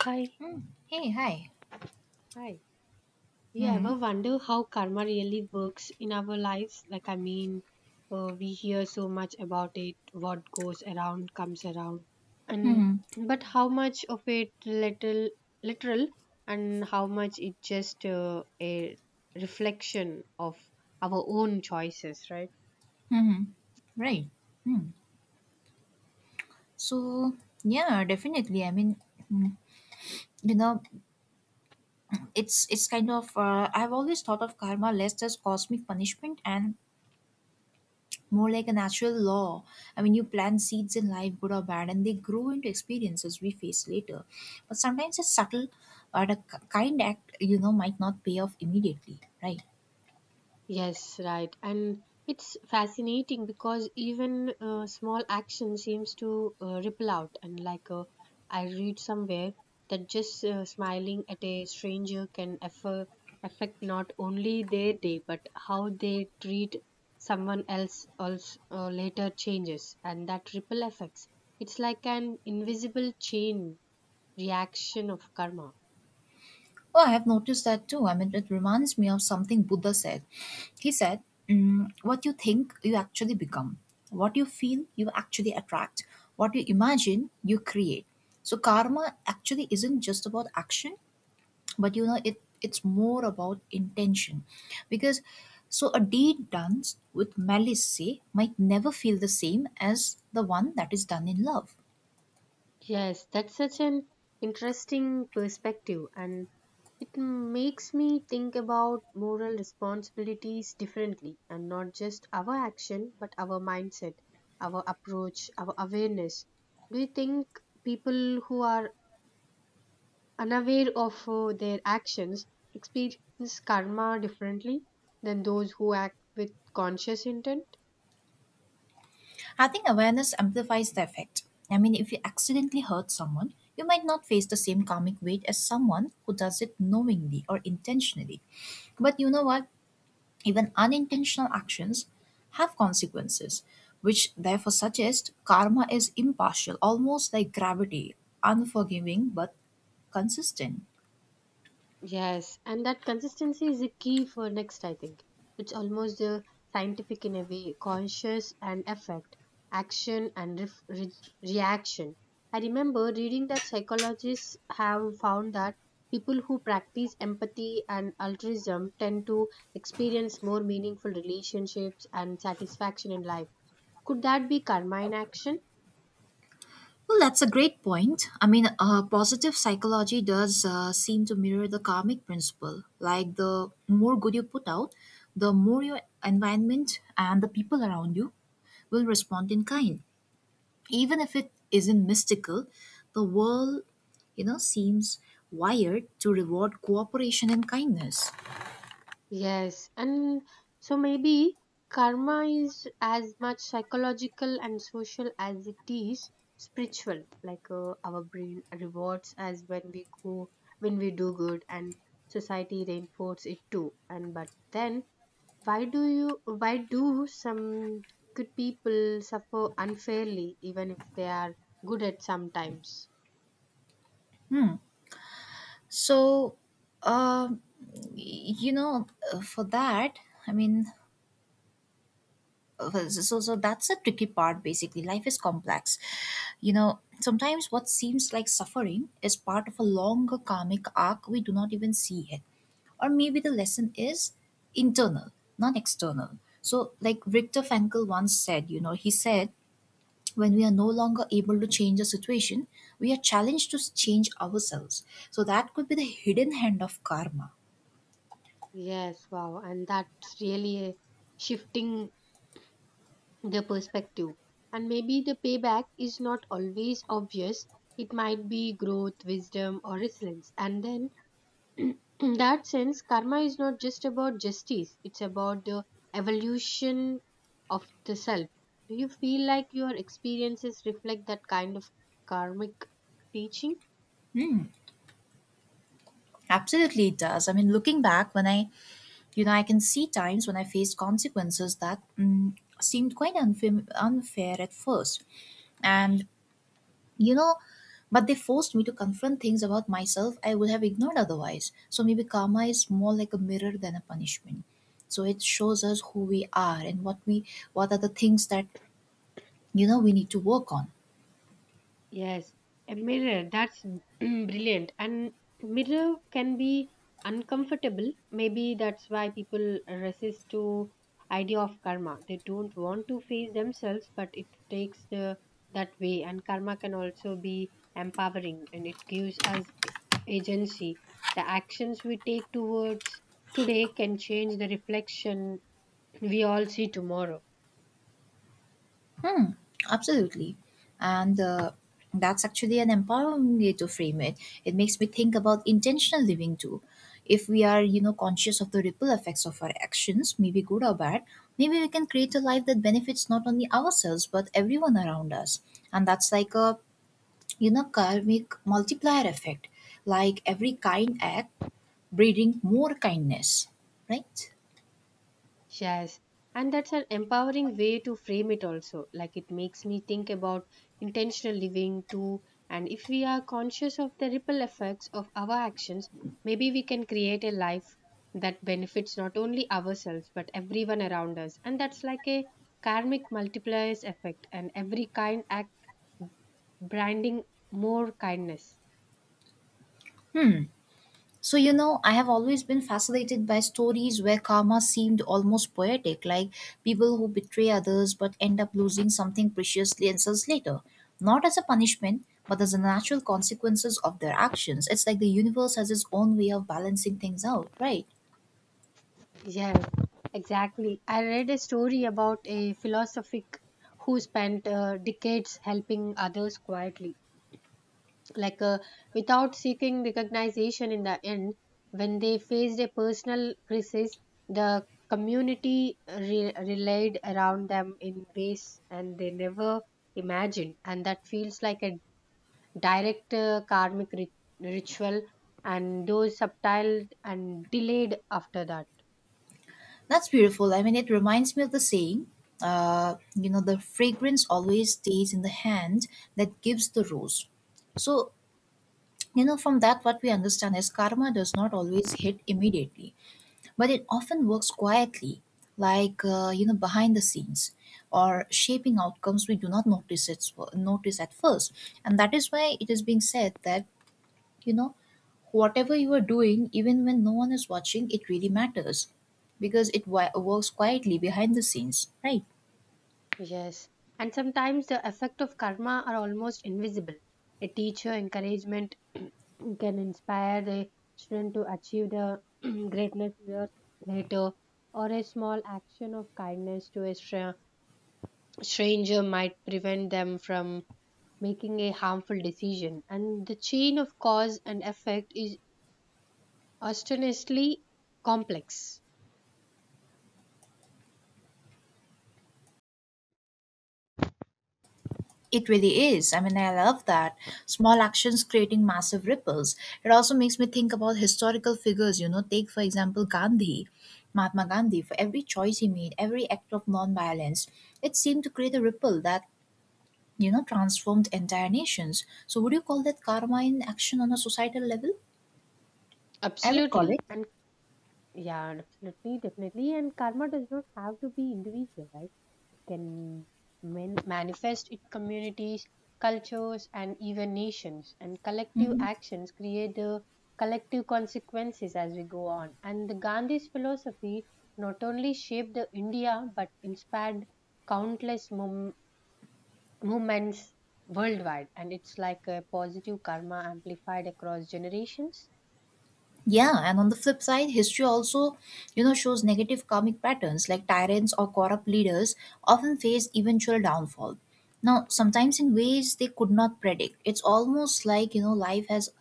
Hi. Mm. Hey, hi. Hi. You Mm. ever wonder how karma really works in our lives? Like, I mean, we hear so much about it, what goes around comes around, and Hmm. but how much of it little literal, and how much it just a reflection of our own choices, right? Hmm. Right. Mm. So, yeah, definitely. I mean, mm, you know, it's kind of, I've always thought of karma less as cosmic punishment and more like a natural law. I mean, you plant seeds in life, good or bad, and they grow into experiences we face later. But sometimes a subtle or a kind act, might not pay off immediately, right? Yes, right. And it's fascinating because even small action seems to ripple out. And like I read somewhere that just smiling at a stranger can affect not only their day but how they treat someone else also later changes and that ripple effects. It's like an invisible chain reaction of karma. Oh, I have noticed that too. I mean, it reminds me of something Buddha said. He said, what you think, you actually become. What you feel, you actually attract. What you imagine, you create. So, karma actually isn't just about action, but it's more about intention. Because so a deed done with malice, say, might never feel the same as the one that is done in love. Yes, that's such an interesting perspective, and it makes me think about moral responsibilities differently and not just our action, but our mindset, our approach, our awareness. Do you think people who are unaware of their actions experience karma differently than those who act with conscious intent? I think awareness amplifies the effect. I mean, if you accidentally hurt someone, you might not face the same karmic weight as someone who does it knowingly or intentionally. But you know what? Even unintentional actions have consequences, which therefore suggest karma is impartial, almost like gravity, unforgiving but consistent. Yes, and that consistency is the key for next, I think. It's almost scientific in a way, conscious and effect, action and ref re reaction. I remember reading that psychologists have found that people who practice empathy and altruism tend to experience more meaningful relationships and satisfaction in life. Could that be karma in action? Well, that's a great point. I mean, positive psychology does seem to mirror the karmic principle. Like, the more good you put out, the more your environment and the people around you will respond in kind. Even if it isn't mystical, the world, seems wired to reward cooperation and kindness. Yes, and so maybe karma is as much psychological and social as it is spiritual. Like our brain rewards us when we go, when we do good, and society reinforces it too. And but then, why do you? Why do some good people suffer unfairly, even if they are good at sometimes? So, um, you know, for that, I mean, so that's a tricky part. Basically, life is complex. Sometimes what seems like suffering is part of a longer karmic arc we do not even see yet, or maybe the lesson is internal, not external. So, like Viktor Frankl once said, he said, when we are no longer able to change a situation, we are challenged to change ourselves. So that could be the hidden hand of karma. Yes, wow, and that's really a shifting the perspective. And maybe the payback is not always obvious. It might be growth, wisdom, or resilience. And then, in that sense, karma is not just about justice, it's about the evolution of the self. Do you feel like your experiences reflect that kind of karmic teaching? Hmm. Absolutely, it does. I mean, looking back, when I, you know, I can see times when I faced consequences that seemed quite unfair, unfair at first. And, you know, but they forced me to confront things about myself I would have ignored otherwise. So maybe karma is more like a mirror than a punishment. So it shows us who we are and what are the things that, we need to work on. Yes, a mirror. That's brilliant. And mirror can be uncomfortable. Maybe that's why people resist to idea of karma. They don't want to face themselves, but it takes the that way. And karma can also be empowering, and it gives us agency. The actions we take towards today can change the reflection we all see tomorrow. Hmm. Absolutely. And that's actually an empowering way to frame it. It makes me think about intentional living too. If we are, conscious of the ripple effects of our actions, maybe good or bad, maybe we can create a life that benefits not only ourselves but everyone around us. And that's like a karmic multiplier effect. Like every kind act breeding more kindness, right? Yes, and that's an empowering way to frame it also. Like it makes me think about intentional living too. And if we are conscious of the ripple effects of our actions, maybe we can create a life that benefits not only ourselves but everyone around us. And that's like a karmic multipliers effect, and every kind act branding more kindness. Hmm. So, I have always been fascinated by stories where karma seemed almost poetic, like people who betray others but end up losing something precious years later. Not as a punishment, but as the natural consequences of their actions. It's like the universe has its own way of balancing things out, right? Yes, exactly. I read a story about a philosophic who spent decades helping others quietly, like without seeking recognition in the end. When they faced a personal crisis, the community relied around them in ways and they never imagined, and that feels like a direct karmic ritual and those subtle and delayed after that. That's beautiful. I mean, it reminds me of the saying, the fragrance always stays in the hand that gives the rose. So, from that, what we understand is karma does not always hit immediately, but it often works quietly, like behind the scenes, or shaping outcomes we do not notice at first. And that is why it is being said that you know whatever you are doing, even when no one is watching, it really matters because it works quietly behind the scenes, right? Yes, and sometimes the effect of karma are almost invisible. A teacher encouragement can inspire the student to achieve the greatness years later, or a small action of kindness to a stranger might prevent them from making a harmful decision. And the chain of cause and effect is astonishingly complex. It really is. I mean, I love that. Small actions creating massive ripples. It also makes me think about historical figures. Take, for example, Gandhi, Mahatma Gandhi. For every choice he made, every act of nonviolence, it seemed to create a ripple that, transformed entire nations. So, would you call that karma in action on a societal level? I would call Absolutely, it. and yeah, absolutely, definitely, and karma does not have to be individual, right? Can manifest in communities, cultures, and even nations. And collective Mhm. actions create the collective consequences as we go on. And the Gandhi's philosophy not only shaped the India but inspired countless movements worldwide. And it's like a positive karma amplified across generations. Yeah, and on the flip side, history also, shows negative karmic patterns like tyrants or corrupt leaders often face eventual downfall. Now, sometimes in ways they could not predict. It's almost like, life has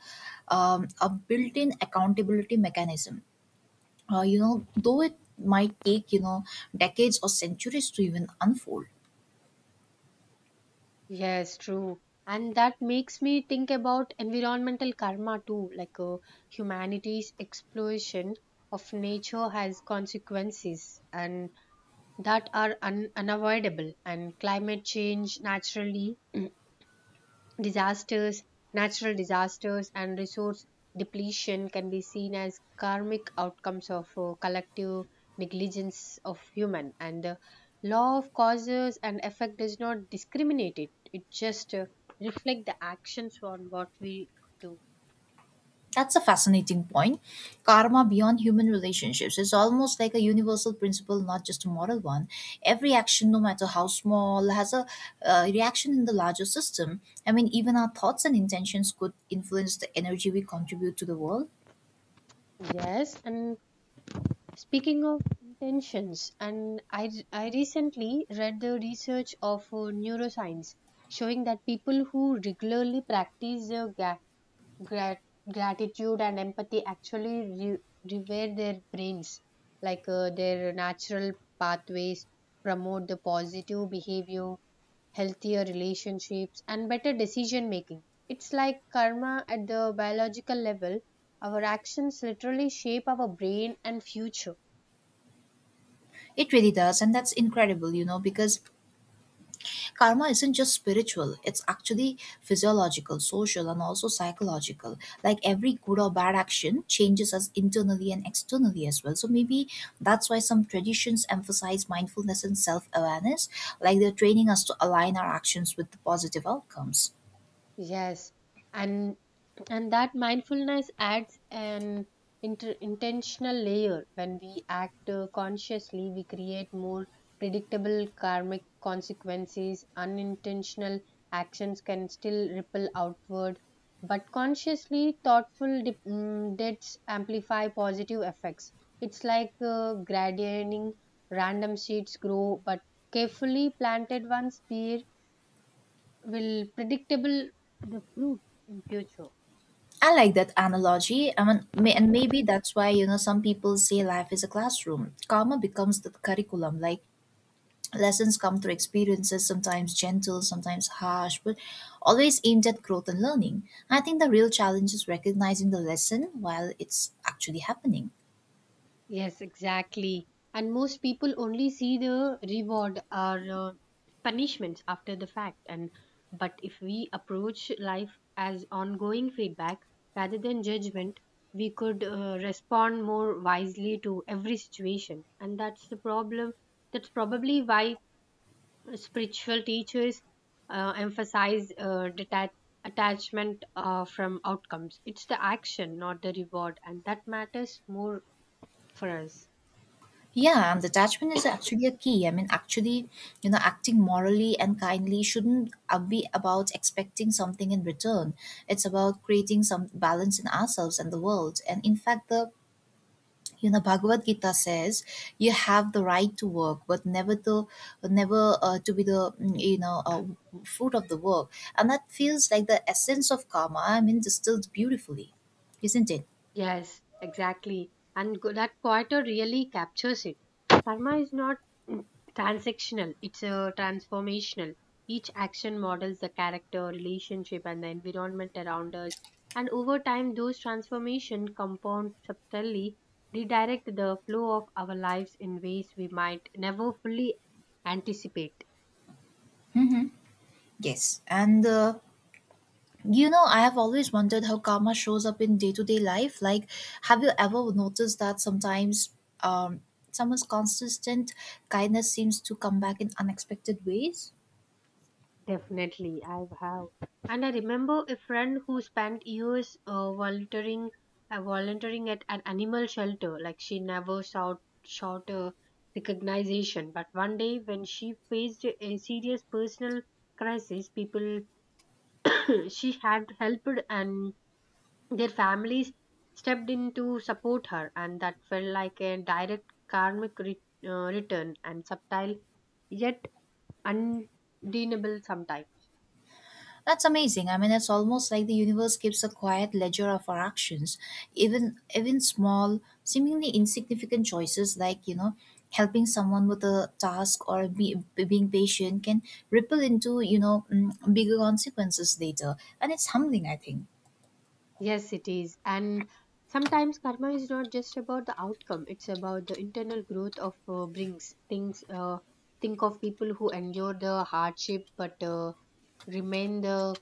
a built-in accountability mechanism. Though it might take, decades or centuries to even unfold. Yes, true. And that makes me think about environmental karma too, like humanity's exploitation of nature has consequences and that are unavoidable and climate change naturally disasters, natural disasters, and resource depletion can be seen as karmic outcomes of collective negligence of human. And the law of causes and effect does not discriminate it. It just reflects the actions on what we do. That's a fascinating point. Karma beyond human relationships is almost like a universal principle, not just a moral one. Every action, no matter how small, has a reaction in the larger system. I mean, even our thoughts and intentions could influence the energy we contribute to the world. Yes, and speaking of intentions, and I recently read the research of neuroscience showing that people who regularly practice the grat- gratitude and empathy actually rewire their brains like their natural pathways promote the positive behavior, healthier relationships and better decision making. It's like karma at the biological level. Our actions literally shape our brain and future. It really does, and that's incredible, because karma isn't just spiritual, it's actually physiological, social, and also psychological. Like every good or bad action changes us internally and externally as well. So maybe that's why some traditions emphasize mindfulness and self awareness, like they're training us to align our actions with the positive outcomes. Yes, and and that mindfulness adds an intentional layer. When we act consciously, we create more predictable karmic consequences. Unintentional actions can still ripple outward, but consciously thoughtful deeds amplify positive effects. It's like grading random seeds grow, but carefully planted ones bear will predictable the fruit in future. I like that analogy. I mean, and maybe that's why some people say life is a classroom. Karma becomes the curriculum. Like, lessons come through experiences, sometimes gentle, sometimes harsh, but always aimed at growth and learning. I think the real challenge is recognizing the lesson while it's actually happening. Yes, exactly. And most people only see the reward or punishments after the fact. And but if we approach life as ongoing feedback rather than judgment, we could respond more wisely to every situation. And that's the problem. That's probably why spiritual teachers emphasize attachment from outcomes. It's the action, not the reward, and that matters more for us. Yeah, and detachment is actually a key. I mean, actually, acting morally and kindly shouldn't be about expecting something in return. It's about creating some balance in ourselves and the world. And in fact, the Bhagavad Gita says, you have the right to work but never to be the fruit of the work. And that feels like the essence of karma, I mean, distilled beautifully, isn't it? Yes, exactly. And that quarter really captures it. Karma is not mm, transactional, it's a transformational. Each action models the character, relationship, and the environment around us. And over time, those transformations compound subtly, redirect the flow of our lives in ways we might never fully anticipate. Yes, and I have always wondered how karma shows up in day-to-day life. Like, have you ever noticed that sometimes um someone's consistent kindness seems to come back in unexpected ways? Definitely, I have. And I remember a friend who spent years volunteering at an animal shelter. Like she never sought a recognition, but one day when she faced a serious personal crisis, people she had helped and their families stepped in to support her, and that felt like a direct karmic return and subtle yet undeniable sometimes. That's amazing. I mean, it's almost like the universe keeps a quiet ledger of our actions, even small, seemingly insignificant choices, like helping someone with a task or being patient, can ripple into bigger consequences later, and it's humbling, I think. Yes, it is. And sometimes karma is not just about the outcome, it's about the internal growth of brings things. Think of people who endure the hardship but remain the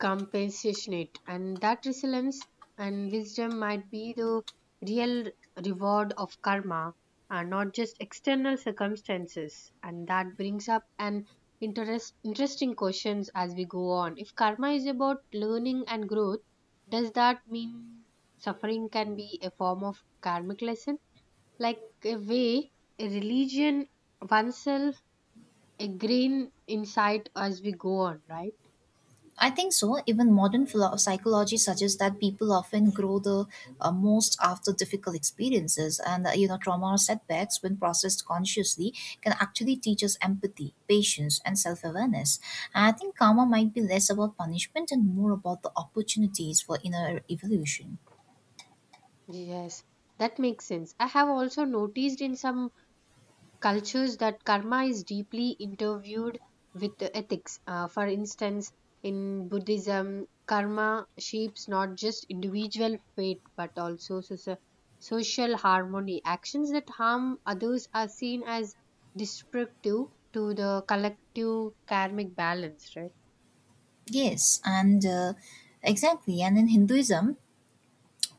compassionate, and that resilience and wisdom might be the real reward of karma and not just external circumstances. And that brings up an interesting questions as we go on. If karma is about learning and growth, does that mean suffering can be a form of karmic lesson, like a way, a religion oneself, a green insight as we go on, right? I think so. Even modern psychology suggests that people often grow the most after difficult experiences, and trauma or setbacks, when processed consciously, can actually teach us empathy, patience, and self-awareness. And I think karma might be less about punishment and more about the opportunities for inner evolution. Yes, that makes sense. I have also noticed in some cultures that karma is deeply interviewed with the ethics. For instance, in Buddhism, karma shapes not just individual fate but also social harmony. Actions that harm others are seen as destructive to the collective karmic balance, right? Yes, and exactly. And in Hinduism,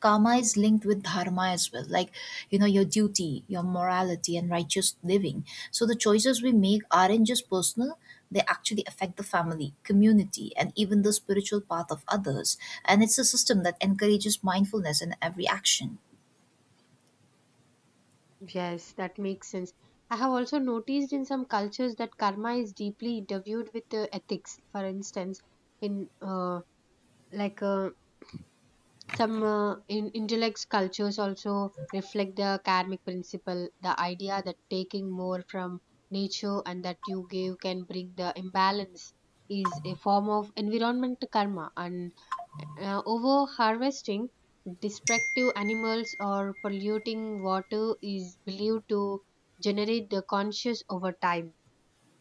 karma is linked with dharma as well. Like, your duty, your morality, and righteous living. So the choices we make aren't just personal, they actually affect the family, community, and even the spiritual path of others. And it's a system that encourages mindfulness in every action. Yes, that makes sense. I have also noticed in some cultures that karma is deeply interviewed with ethics. For instance, in like some in intellect cultures also reflect the karmic principle, the idea that taking more from nature and that you give can bring the imbalance is a form of environment karma. And over harvesting, destructive animals or polluting water is believed to generate the conscious over time.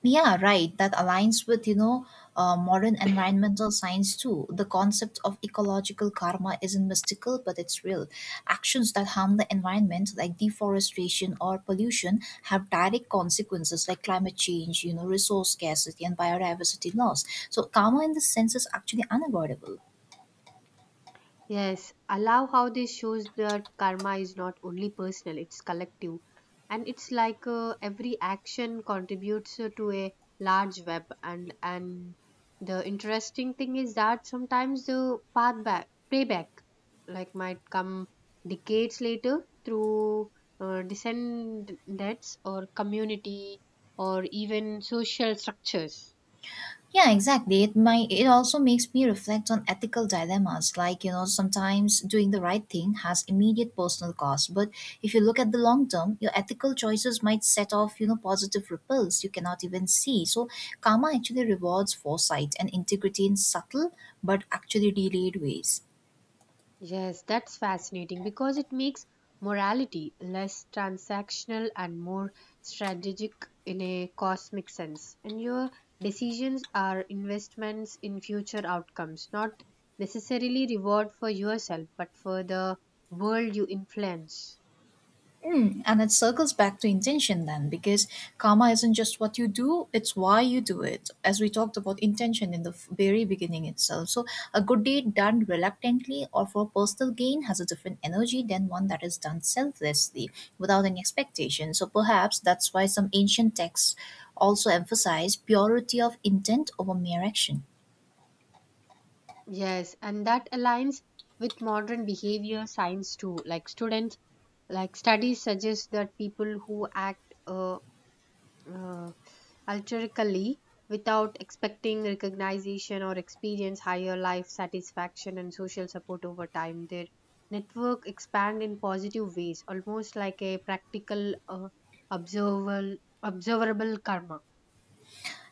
Yeah, right. That aligns with, modern environmental science too. The concept of ecological karma isn't mystical, but it's real. Actions that harm the environment, like deforestation or pollution, have direct consequences like climate change, resource scarcity, and biodiversity loss. So karma in this sense is actually unavoidable. Yes, I love how this shows that karma is not only personal, it's collective. And it's like every action contributes to a large web. And the interesting thing is that sometimes the payback like might come decades later through descendants or community or even social structures. Yeah, exactly. It also makes me reflect on ethical dilemmas. Like, sometimes doing the right thing has immediate personal cost, but if you look at the long term, your ethical choices might set off, positive ripples you cannot even see. So karma actually rewards foresight and integrity in subtle but actually delayed ways. Yes, that's fascinating because it makes morality less transactional and more strategic in a cosmic sense. And your decisions are investments in future outcomes, not necessarily reward for yourself, but for the world you influence. Hmm, and it circles back to intention then, because karma isn't just what you do, it's why you do it. As we talked about intention in the very beginning itself. So, a good deed done reluctantly or for personal gain has a different energy than one that is done selflessly without any expectation. So, perhaps that's why some ancient texts also emphasize purity of intent over mere action. Yes, and that aligns with modern behavior science too. Like studies suggest that people who act uh, uh, altruistically without expecting recognition or experience higher life satisfaction and social support over time. Their network expand in positive ways, almost like a practical observable observable karma.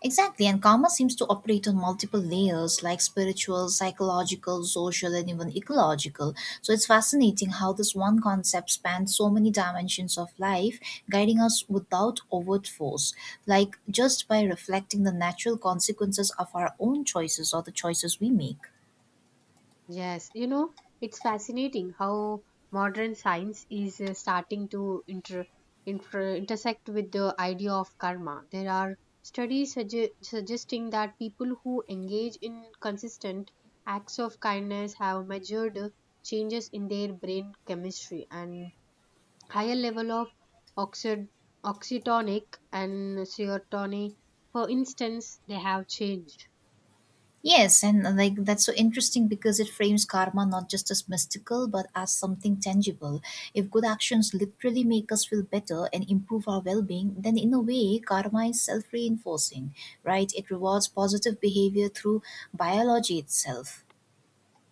Exactly, and karma seems to operate on multiple layers like spiritual, psychological, social, and even ecological. So it's fascinating how this one concept spans so many dimensions of life, guiding us without overt force, like just by reflecting the natural consequences of our own choices, or the choices we make. Yes, it's fascinating how modern science is starting to intersect with the idea of karma. There are studies suggesting that people who engage in consistent acts of kindness have measured changes in their brain chemistry and higher level of oxid- oxytonic and serotonin. For instance, they have changed. Yes, and like, that's so interesting because it frames karma not just as mystical but as something tangible. If good actions literally make us feel better and improve our well being, then in a way, karma is self reinforcing, right? It rewards positive behavior through biology itself.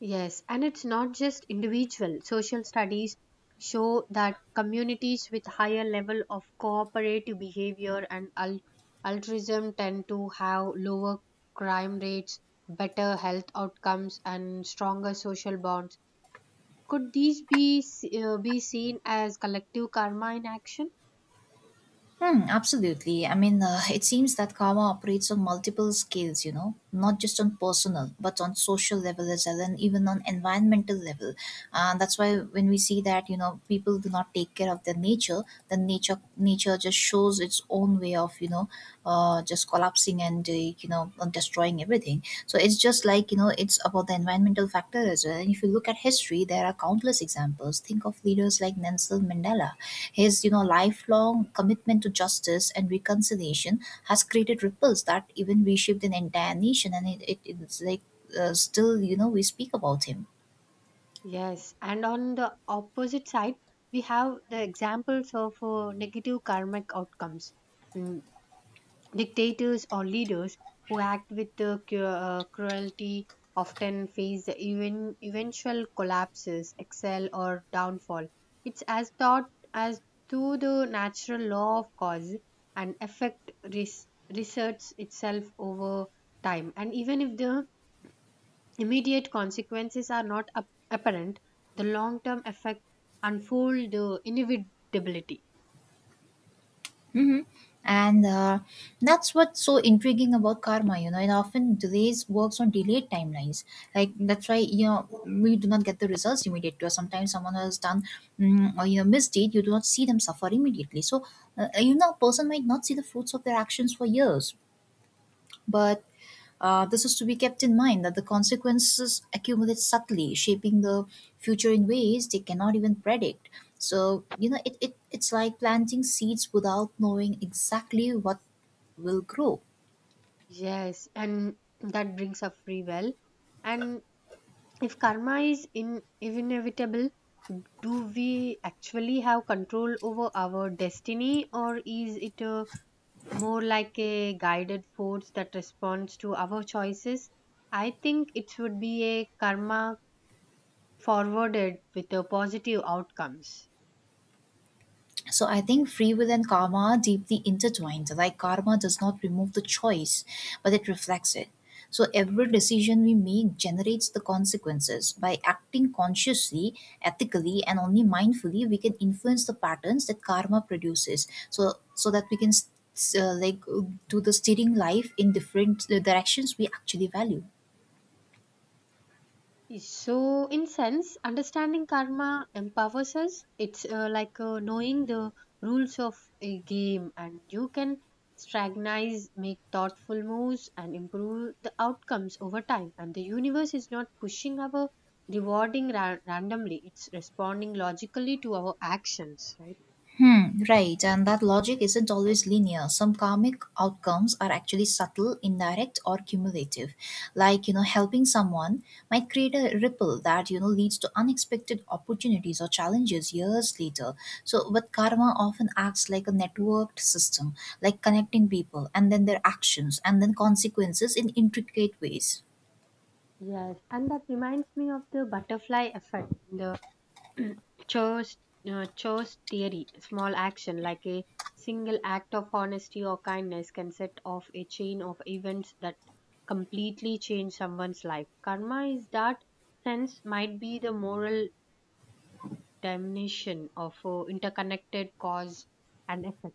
Yes, and it's not just individual. Social studies show that communities with higher level of cooperative behavior and altruism tend to have lower crime rates, better health outcomes, and stronger social bonds. Could these be be seen as collective karma in action? Hmm, absolutely. I mean, it seems that karma operates on multiple scales, not just on personal, but on social level as well, and even on environmental level. That's why when we see that, you know, people do not take care of their nature, then nature just shows its own way of, you know, just collapsing and, you know, destroying everything. So it's just like, you know, it's about the environmental factor as well. And if you look at history, there are countless examples. Think of leaders like Nelson Mandela. His, you know, lifelong commitment to justice and reconciliation has created ripples that even reshaped an entire nation. And it's like, still, you know, we speak about him. Yes, and on the opposite side, we have the examples of negative karmic outcomes. Mm, Dictators or leaders who act with the cruelty often face the eventual collapses, excel, or downfall. It's as thought as to the natural law of cause and effect reserts itself over time. And even if the immediate consequences are not apparent, the long-term effect unfold the inevitability. Hmm. And that's what's so intriguing about karma, you know. It often delays, works on delayed timelines. Like, that's why, you know, we do not get the results immediately. Or sometimes someone has done, or you know, misdeed, you do not see them suffer immediately. So you know, a person might not see the fruits of their actions for years, but this is to be kept in mind that the consequences accumulate subtly, shaping the future in ways they cannot even predict. So, you know, it's like planting seeds without knowing exactly what will grow. Yes, and that brings up free will. And if karma is in inevitable, do we actually have control over our destiny, or is it a, more like a guided force that responds to our choices? I think it would be a karma forwarded with a positive outcomes. So I think free will and karma are deeply intertwined. Like, karma does not remove the choice, but it reflects it. So every decision we make generates the consequences. By acting consciously, ethically, and only mindfully, we can influence the patterns that karma produces. So that we can like, do the steering life in different directions we actually value. So, in sense, understanding karma empowers us. It's like knowing the rules of a game, and you can strategize, make thoughtful moves, and improve the outcomes over time. And the universe is not pushing our rewarding randomly; it's responding logically to our actions, right? Hmm, right. And that logic isn't always linear. Some karmic outcomes are actually subtle, indirect, or cumulative. Like, you know, helping someone might create a ripple that, you know, leads to unexpected opportunities or challenges years later. So, but karma often acts like a networked system, like connecting people and then their actions and then consequences in intricate ways. Yes, and that reminds me of the butterfly effect in the chose chose theory, small action like a single act of honesty or kindness can set off a chain of events that completely change someone's life. Karma is that sense might be the moral dimension of interconnected cause and effect.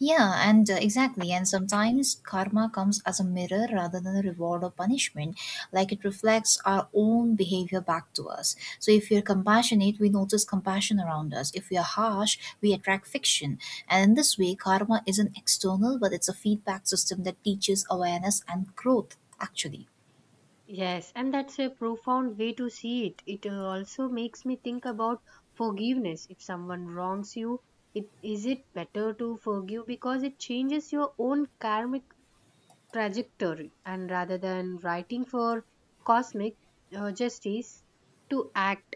Yeah, and exactly. And sometimes karma comes as a mirror rather than a reward or punishment. Like, it reflects our own behavior back to us. So if we are compassionate, we notice compassion around us. If we are harsh, we attract fiction. And in this way, karma isn't external, but it's a feedback system that teaches awareness and growth, actually. Yes, and that's a profound way to see it. It also makes me think about forgiveness. If someone wrongs you, it is it better to forgive because it changes your own karmic trajectory and rather than writing for cosmic justice to act.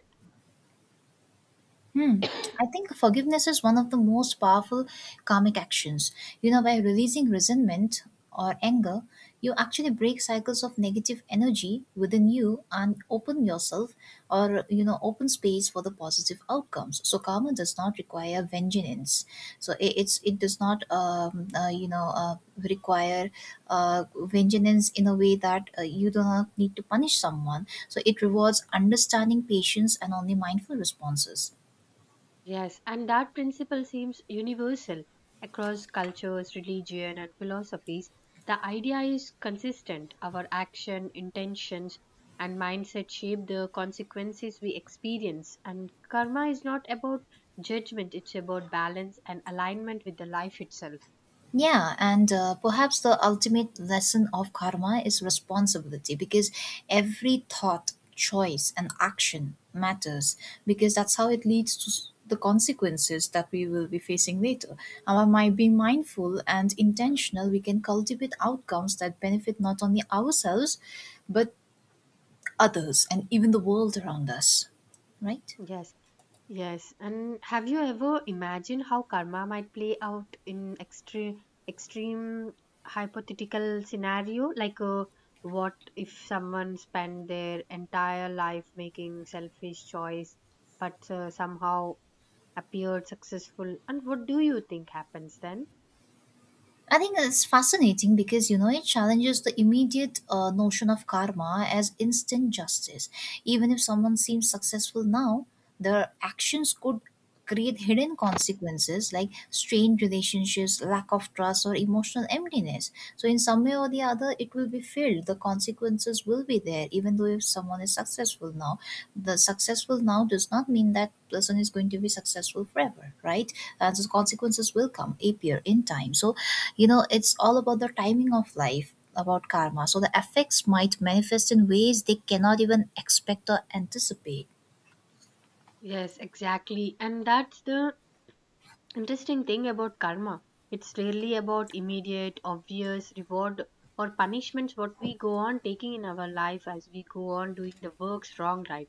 Hmm. I think forgiveness is one of the most powerful karmic actions. You know, by releasing resentment or anger, you actually break cycles of negative energy within you and open yourself, or, you know, open space for the positive outcomes. So karma does not require vengeance. So it does not, you know, require vengeance in a way that you do not need to punish someone. So it rewards understanding, patience, and only mindful responses. Yes, and that principle seems universal across cultures, religion and philosophies. The idea is consistent, our action, intentions and mindset shape the consequences we experience, and karma is not about judgment. It's about balance and alignment with the life itself. Yeah, and perhaps the ultimate lesson of karma is responsibility, because every thought, choice, and action matters, because that's how it leads to the consequences that we will be facing later. And by being mindful and intentional, we can cultivate outcomes that benefit not only ourselves, but others and even the world around us, right? yes Yes, and have you ever imagined how karma might play out in extreme hypothetical scenario? Like, what if someone spent their entire life making selfish choice, but somehow appeared successful? And what do you think happens then? I think it's fascinating because, you know, it challenges the immediate notion of karma as instant justice. Even if someone seems successful now, their actions could create hidden consequences like strained relationships, lack of trust, or emotional emptiness. So, in some way or the other, it will be filled. The consequences will be there. Even though if someone is successful now, the successful now does not mean that person is going to be successful forever, right? And the consequences will come, appear in time. So, you know, it's all about the timing of life about karma. So the effects might manifest in ways they cannot even expect or anticipate. Yes, exactly. And that's the interesting thing about karma, it's rarely about immediate, obvious reward or punishments what we go on taking in our life as we go on doing the works wrong, right?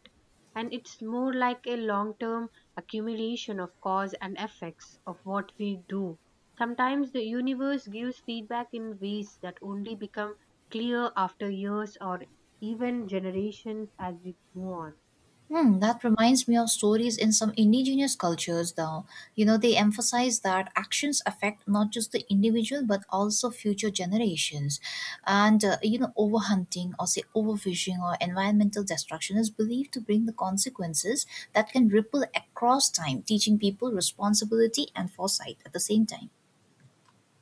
And it's more like a long term accumulation of cause and effects of what we do. Sometimes the universe gives feedback in ways that only become clear after years or even generations as we go on. Hmm, that reminds me of stories in some indigenous cultures. Though, you know, they emphasize that actions affect not just the individual but also future generations. And you know, overhunting, or say overfishing, or environmental destruction is believed to bring the consequences that can ripple across time, teaching people responsibility and foresight at the same time.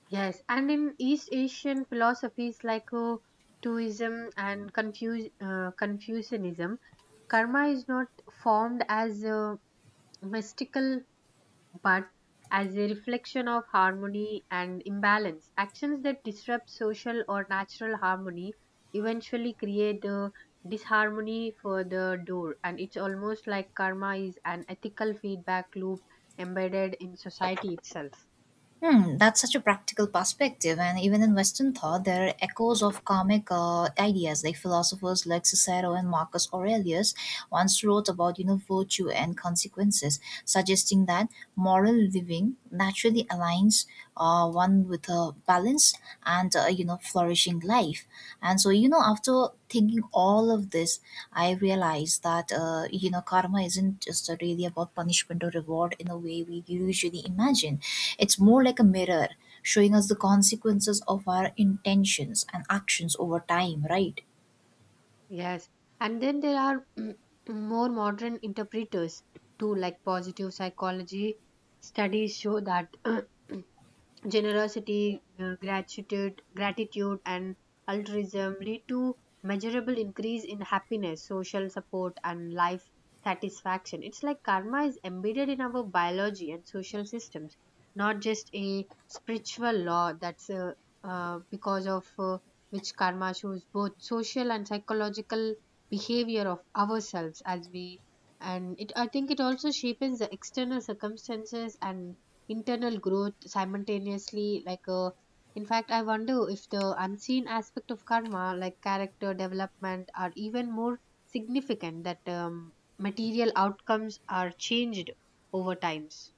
Yes, and in East Asian philosophies like Taoism and Confucianism, karma is not formed as a mystical but as a reflection of harmony and imbalance. Actions that disrupt social or natural harmony eventually create a disharmony for the door, and it's almost like karma is an ethical feedback loop embedded in society itself. Hmm, that's such a practical perspective. And even in Western thought, there are echoes of karmic ideas. Like, philosophers like Cicero and Marcus Aurelius once wrote about, you know, virtue and consequences, suggesting that moral living naturally aligns one with a balance and, you know, flourishing life. And so, you know, after thinking all of this, I realized that you know, karma isn't just really about punishment or reward in a way we usually imagine. It's more like a mirror, showing us the consequences of our intentions and actions over time, right? Yes, and then there are more modern interpreters too, like positive psychology studies show that generosity, gratitude, and altruism lead to measurable increase in happiness, social support, and life satisfaction. It's like karma is embedded in our biology and social systems, not just a spiritual law. That's because of which karma shows both social and psychological behavior of ourselves as we, and it I think it also shapes the external circumstances and internal growth simultaneously like in fact I wonder if the unseen aspect of karma like character development are even more significant that material outcomes are changed over times.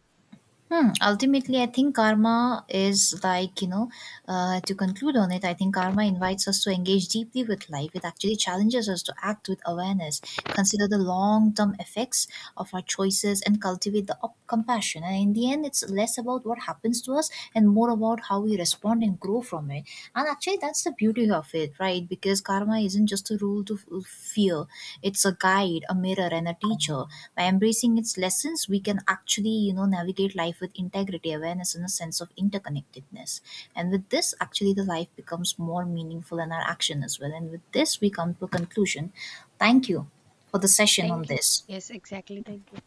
Hmm. Ultimately, I think karma is like, you know, to conclude on it, I think karma invites us to engage deeply with life. It actually challenges us to act with awareness, consider the long term effects of our choices, and cultivate the compassion. And in the end, it's less about what happens to us and more about how we respond and grow from it. And actually, that's the beauty of it, right? Because karma isn't just a rule to fear. It's a guide, a mirror, and a teacher. By embracing its lessons, we can actually, you know, navigate life with integrity, awareness, and a sense of interconnectedness. And with this, actually, the life becomes more meaningful in our action as well. And with this, we come to a conclusion. Thank you for the session on Thank you. this. Yes, exactly. Thank you.